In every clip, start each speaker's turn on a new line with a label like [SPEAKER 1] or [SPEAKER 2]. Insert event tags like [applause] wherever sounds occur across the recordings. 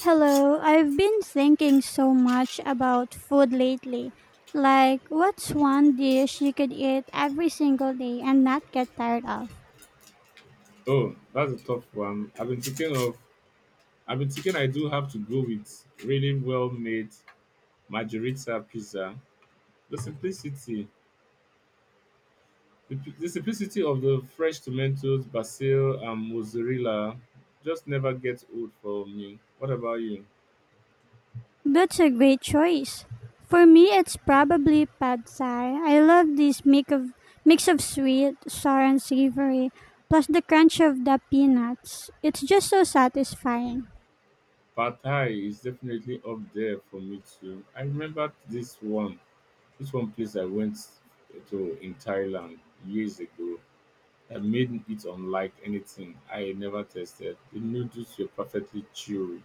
[SPEAKER 1] Hello, I've been thinking so much about food lately. Like, what's one dish you could eat every single day and not get tired of?
[SPEAKER 2] Oh, that's a tough one. I've been thinking I do have to go with really well made margherita pizza. The simplicity, the simplicity of the fresh tomatoes, basil, and mozzarella just never gets old for me. What about you?
[SPEAKER 1] That's a great choice. For me, it's probably pad thai. I love this mix of sweet, sour, and savory, plus the crunch of the peanuts. It's just so satisfying.
[SPEAKER 2] Pad Thai is definitely up there for me too. I remember this one place I went to in Thailand years ago. I made it unlike anything I had never tasted. The noodles were perfectly chewy,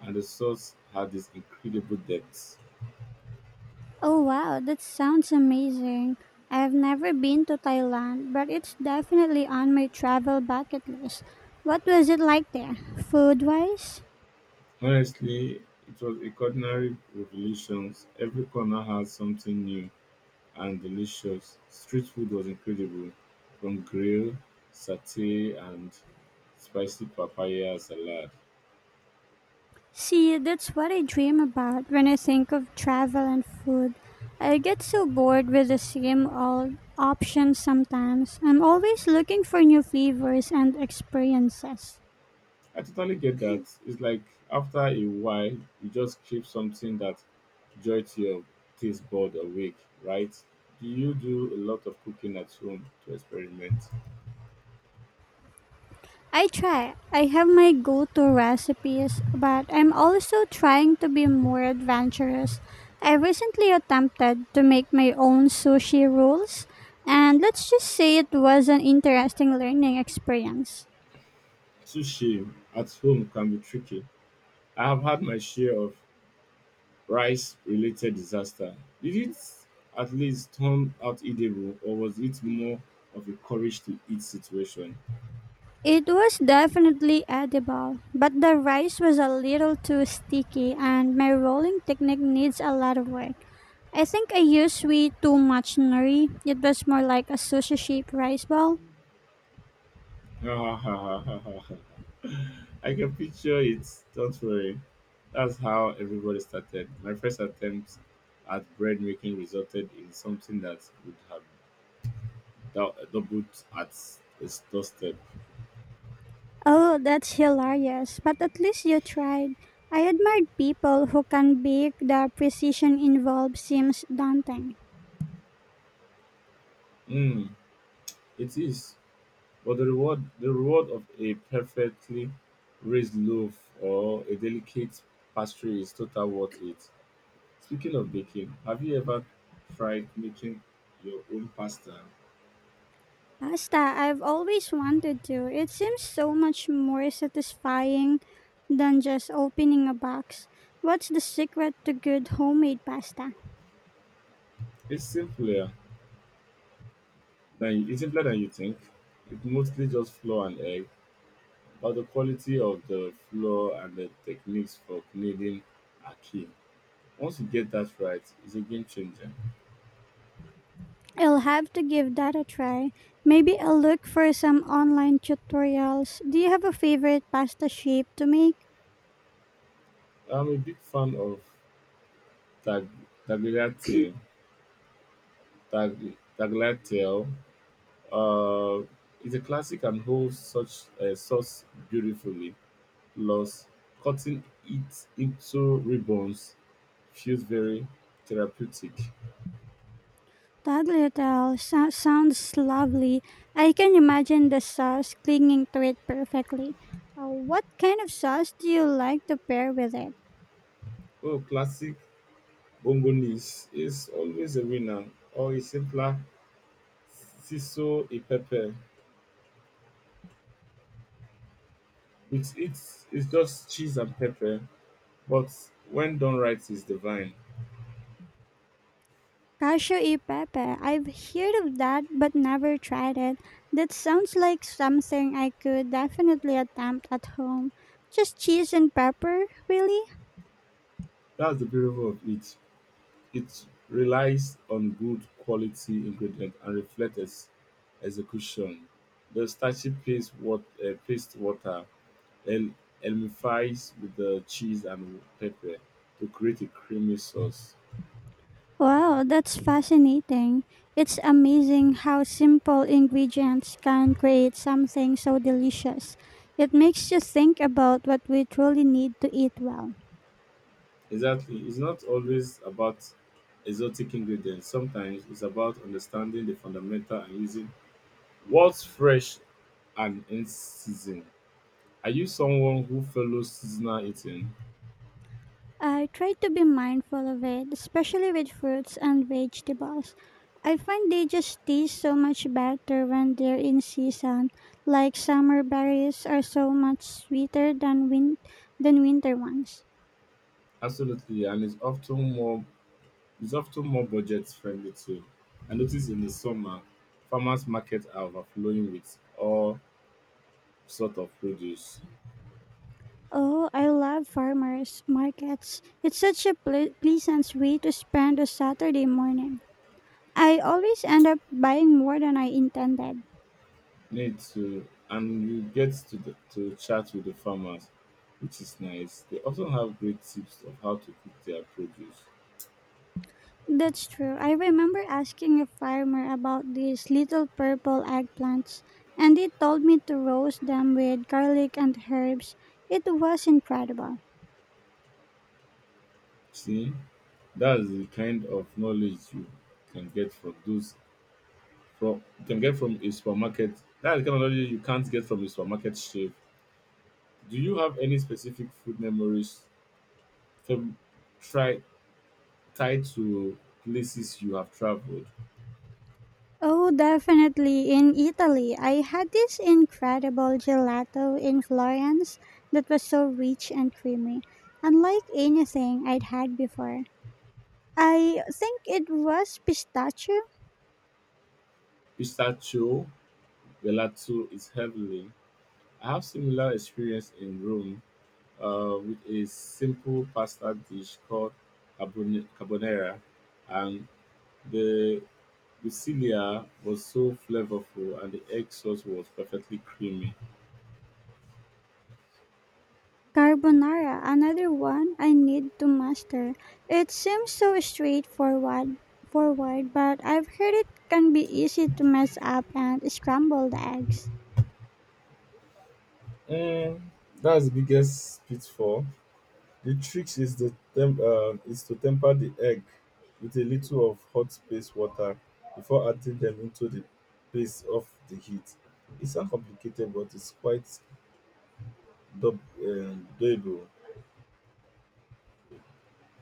[SPEAKER 2] and the sauce had this incredible depth.
[SPEAKER 1] Oh wow, that sounds amazing. I've never been to Thailand, but it's definitely on my travel bucket list. What was it like there, food wise?
[SPEAKER 2] Honestly, it was a culinary revelation. Every corner had something new and delicious. Street food was incredible, from grill, satay, and spicy papaya salad.
[SPEAKER 1] See, that's what I dream about when I think of travel and food. I get so bored with the same old options sometimes. I'm always looking for new flavors and experiences.
[SPEAKER 2] I totally get that. It's like after a while, you just crave something that jolt your taste bud awake, right? Do you do a lot of cooking at home to experiment?
[SPEAKER 1] I try. I have my go to recipes, but I'm also trying to be more adventurous. I recently attempted to make my own sushi rolls, and let's just say it was an interesting learning experience.
[SPEAKER 2] Sushi at home can be tricky. I have had my share of rice related disaster. Did it at least turn out edible, or was it more of a courage to eat situation?
[SPEAKER 1] It was definitely edible, but the rice was a little too sticky, and my rolling technique needs a lot of work. I think I used way too much nori. It was more like a sushi shaped rice ball.
[SPEAKER 2] [laughs] I can picture it. Don't worry. That's how everybody started. My first attempt at bread making resulted in something that would have doubled at its doorstep.
[SPEAKER 1] Oh, that's hilarious. But at least you tried. I admired people who can bake. The precision involved seems daunting.
[SPEAKER 2] Mm, it is. But the reward of a perfectly raised loaf or a delicate pastry is total worth it. Speaking of baking, have you ever tried making your own pasta?
[SPEAKER 1] Pasta, I've always wanted to. It seems so much more satisfying than just opening a box. What's the secret to good homemade pasta?
[SPEAKER 2] It's simpler it's simpler than you think. It's mostly just flour and egg, but the quality of the flour and the techniques for kneading are key. Once you get that right, it's a game changer.
[SPEAKER 1] I'll have to give that a try. Maybe I'll look for some online tutorials. Do you have a favorite pasta shape to make?
[SPEAKER 2] I'm a big fan of tag, tagliatelle. Tag, tagliatelle. Uh, it's a classic and holds such a sauce beautifully. Plus, cutting it into ribbons feels very therapeutic.
[SPEAKER 1] Sounds lovely. I can imagine the sauce clinging to it perfectly. What kind of sauce do you like to pair with it?
[SPEAKER 2] Oh, classic Bongolis is always a winner or a simpler siso a pepper. With it, it's just cheese and pepper, but when done right, it's divine.
[SPEAKER 1] Cashew e pepe. I've heard of that but never tried it. That sounds like something I could definitely attempt at home. Just cheese and pepper, really?
[SPEAKER 2] That's the beauty of it. It relies on good quality ingredient and reflects execution. The starchy paste, paste water el- elmifies with the cheese and pepper to create a creamy sauce.
[SPEAKER 1] Wow, that's fascinating. It's amazing how simple ingredients can create something so delicious. It makes you think about what we truly need to eat well.
[SPEAKER 2] Exactly. It's not always about exotic ingredients. Sometimes it's about understanding the fundamental and using what's fresh and in season. Are you someone who follows seasonal eating?
[SPEAKER 1] I try to be mindful of it, especially with fruits and vegetables. I find they just taste so much better when they're in season, like summer berries are so much sweeter than than winter ones.
[SPEAKER 2] Absolutely, and it's often more budget friendly too. I notice in the summer, farmers markets are overflowing with all sort of produce.
[SPEAKER 1] Oh, I love farmers markets. It's such a pleasant way to spend a Saturday morning. I always end up buying more than I intended.
[SPEAKER 2] Need to and you get to to chat with the farmers which is nice they often have great tips of how to cook their produce
[SPEAKER 1] That's true. I remember asking a farmer about these little purple eggplants, and he told me to roast them with garlic and herbs. It was incredible.
[SPEAKER 2] see that's the kind of knowledge can get from those you can get from a supermarket that's the kind of knowledge you can't get from a supermarket chef do you have any specific food memories from try tied to places you have traveled
[SPEAKER 1] Oh, definitely. In Italy, I had this incredible gelato in Florence that was so rich and creamy, unlike anything I'd had before. I think it was pistachio
[SPEAKER 2] pistachio gelato is heavily I have similar experience in Rome with a simple pasta dish called carbonara, and the Lucilia was so flavorful and the egg sauce was perfectly creamy.
[SPEAKER 1] carbonara, another one I need to master. It seems so forward, but I've heard it can be easy to mess up and scramble the eggs.
[SPEAKER 2] Mm, that's the biggest pitfall. The trick is is to temper the egg with a little of hot paste water before adding them into the paste of the heat. It's not complicated, but it's quite doable.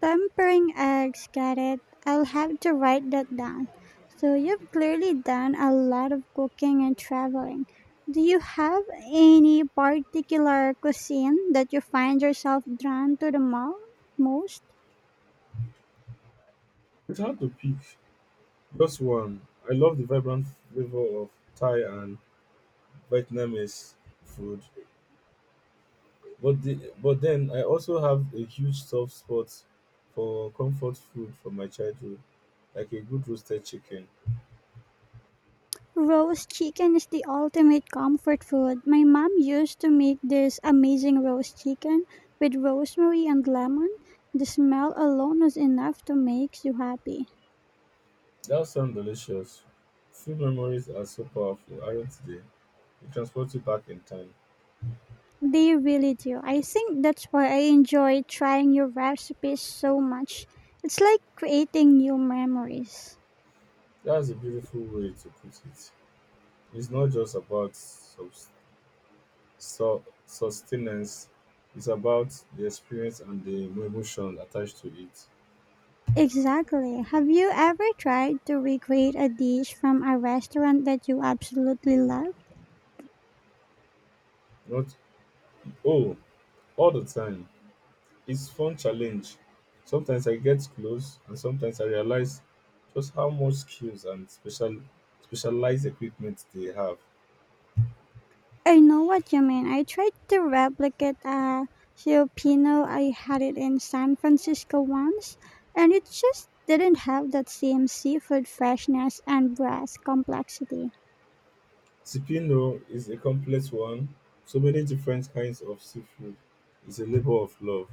[SPEAKER 1] Tempering eggs, got it. I'll have to write that down. So, you've clearly done a lot of cooking and traveling. Do you have any particular cuisine that you find yourself drawn to the most?
[SPEAKER 2] It's hard to pick That's one. I love the vibrant flavor of Thai and Vietnamese food, but then I also have a huge soft spot for comfort food from my childhood, like a good roasted chicken.
[SPEAKER 1] Roast chicken is the ultimate comfort food. My mom used to make this amazing roast chicken with rosemary and lemon. The smell alone was enough to make you happy.
[SPEAKER 2] That sounds delicious. Food memories are so powerful, aren't they? It transports you back in time.
[SPEAKER 1] They really do. I think that's why I enjoy trying your recipes so much. It's like creating new memories.
[SPEAKER 2] That's a beautiful way to put it. It's not just about sustenance; it's about the experience and the emotion attached to it.
[SPEAKER 1] Exactly. Have you ever tried to recreate a dish from a restaurant that you absolutely love?
[SPEAKER 2] Not oh, all the time. It's fun challenge. Sometimes I get close and sometimes I realize just how much skills and specialized equipment they have.
[SPEAKER 1] I know what you mean. I tried to replicate a Filipino. I had it in San Francisco once, and it just didn't have that same seafood freshness and breast complexity.
[SPEAKER 2] Cipino is a complex one. So many different kinds of seafood. It's a labor of love.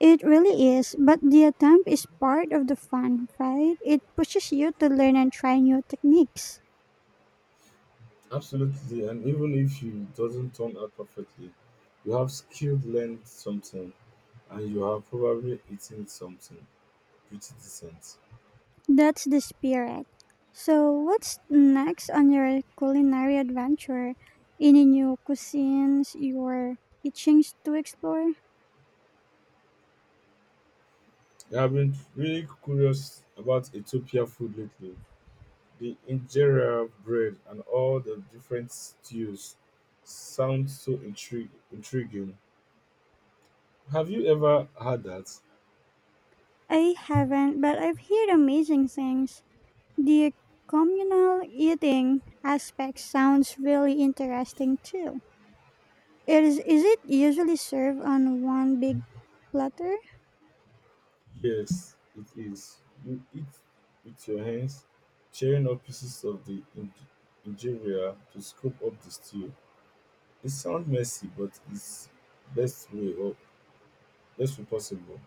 [SPEAKER 1] It really is, but the attempt is part of the fun, right? It pushes you to learn and try new techniques.
[SPEAKER 2] Absolutely, and even if you doesn't turn out perfectly, you have skilled learned something and you have probably eaten something pretty decent.
[SPEAKER 1] That's the spirit. So, what's next on your culinary adventure? Any new cuisines you're itching to explore?
[SPEAKER 2] Yeah, I've been really curious about Ethiopia food lately. The injera bread and all the different stews sound so intriguing. Have you ever had that?
[SPEAKER 1] I haven't, but I've heard amazing things. The communal eating aspect sounds really interesting too. Is it usually served on one big platter?
[SPEAKER 2] Yes, it is. You eat with your hands, tearing up pieces of injera to scoop up the stew. It sounds messy, but it's best way or best way possible.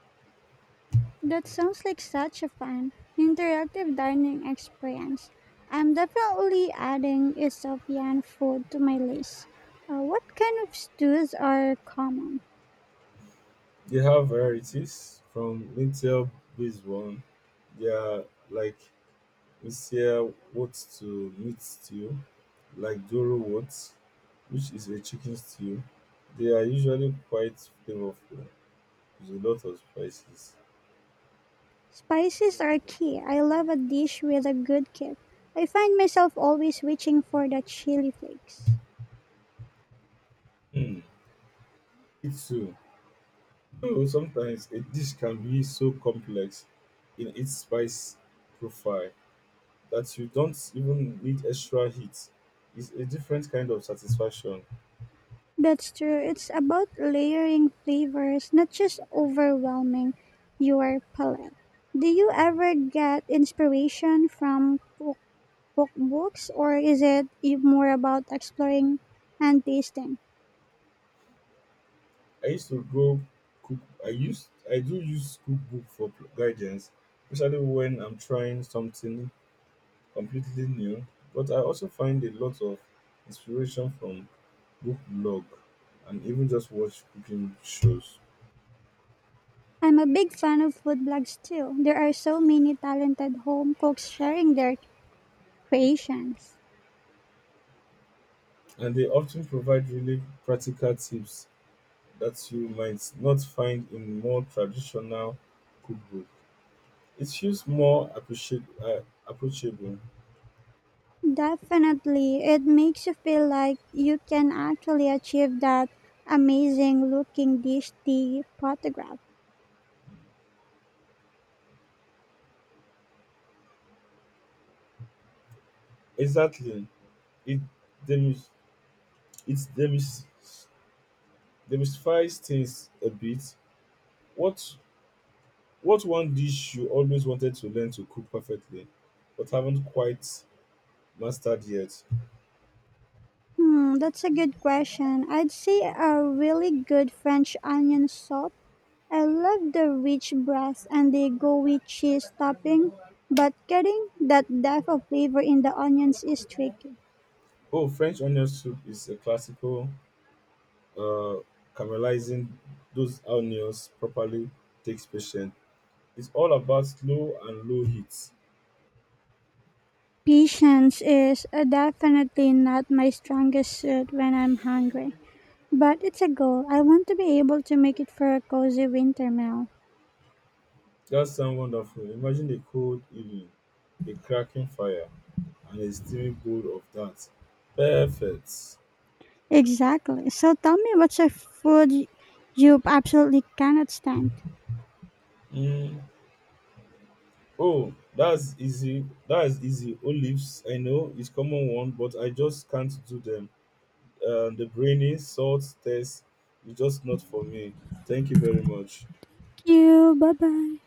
[SPEAKER 1] That sounds like such a fun, interactive dining experience. I'm definitely adding Ethiopian food to my list. What kind of stews are common?
[SPEAKER 2] They have varieties from lentil based one. They are like Messiah what to meat stew, like Doro what, which is a chicken stew. They are usually quite flavorful with a lot of spices.
[SPEAKER 1] Spices are key. I love a dish with a good kick. I find myself always reaching for the chili flakes.
[SPEAKER 2] Mm. It too. Though sometimes a dish can be so complex in its spice profile that you don't even need extra heat. It's a different kind of satisfaction.
[SPEAKER 1] That's true. It's about layering flavors, not just overwhelming your palate. Do you ever get inspiration from cookbooks or is it more about exploring and tasting?
[SPEAKER 2] I used to go cook I used I do use cookbook for guidance, especially when I'm trying something completely new, but I also find a lot of inspiration from book blog and even just watch cooking shows.
[SPEAKER 1] I'm a big fan of food blogs too. There are so many talented home cooks sharing their creations.
[SPEAKER 2] And they often provide really practical tips that you might not find in more traditional cookbook. It feels more approachable.
[SPEAKER 1] Definitely, it makes you feel like you can actually achieve that amazing looking dish the photograph.
[SPEAKER 2] Exactly. It demis- it demis- demystifies things a bit. What what one dish you always wanted to learn to cook perfectly but haven't quite mastered yet?
[SPEAKER 1] Hmm, that's a good question. I'd say a really good French onion soup. I love the rich brass and the gooey cheese topping, but getting that depth of flavor in the onions is tricky.
[SPEAKER 2] Oh, French onion soup is a classical. Uh, caramelizing those onions properly takes patience. It's all about slow and low heat.
[SPEAKER 1] Patience is definitely not my strongest suit when I'm hungry, but it's a goal. I want to be able to make it for a cozy winter meal.
[SPEAKER 2] That sounds wonderful. Imagine a cold evening, a cracking fire, and a steaming bowl of that. Perfect.
[SPEAKER 1] Exactly. So tell me, what's a food you absolutely cannot stand. Thank
[SPEAKER 2] Mm, Oh, that's easy. That's easy. Olives, I know, is common one, but I just can't do them. The brainy salt test is just not for me. Thank you very much.
[SPEAKER 1] you. Bye bye.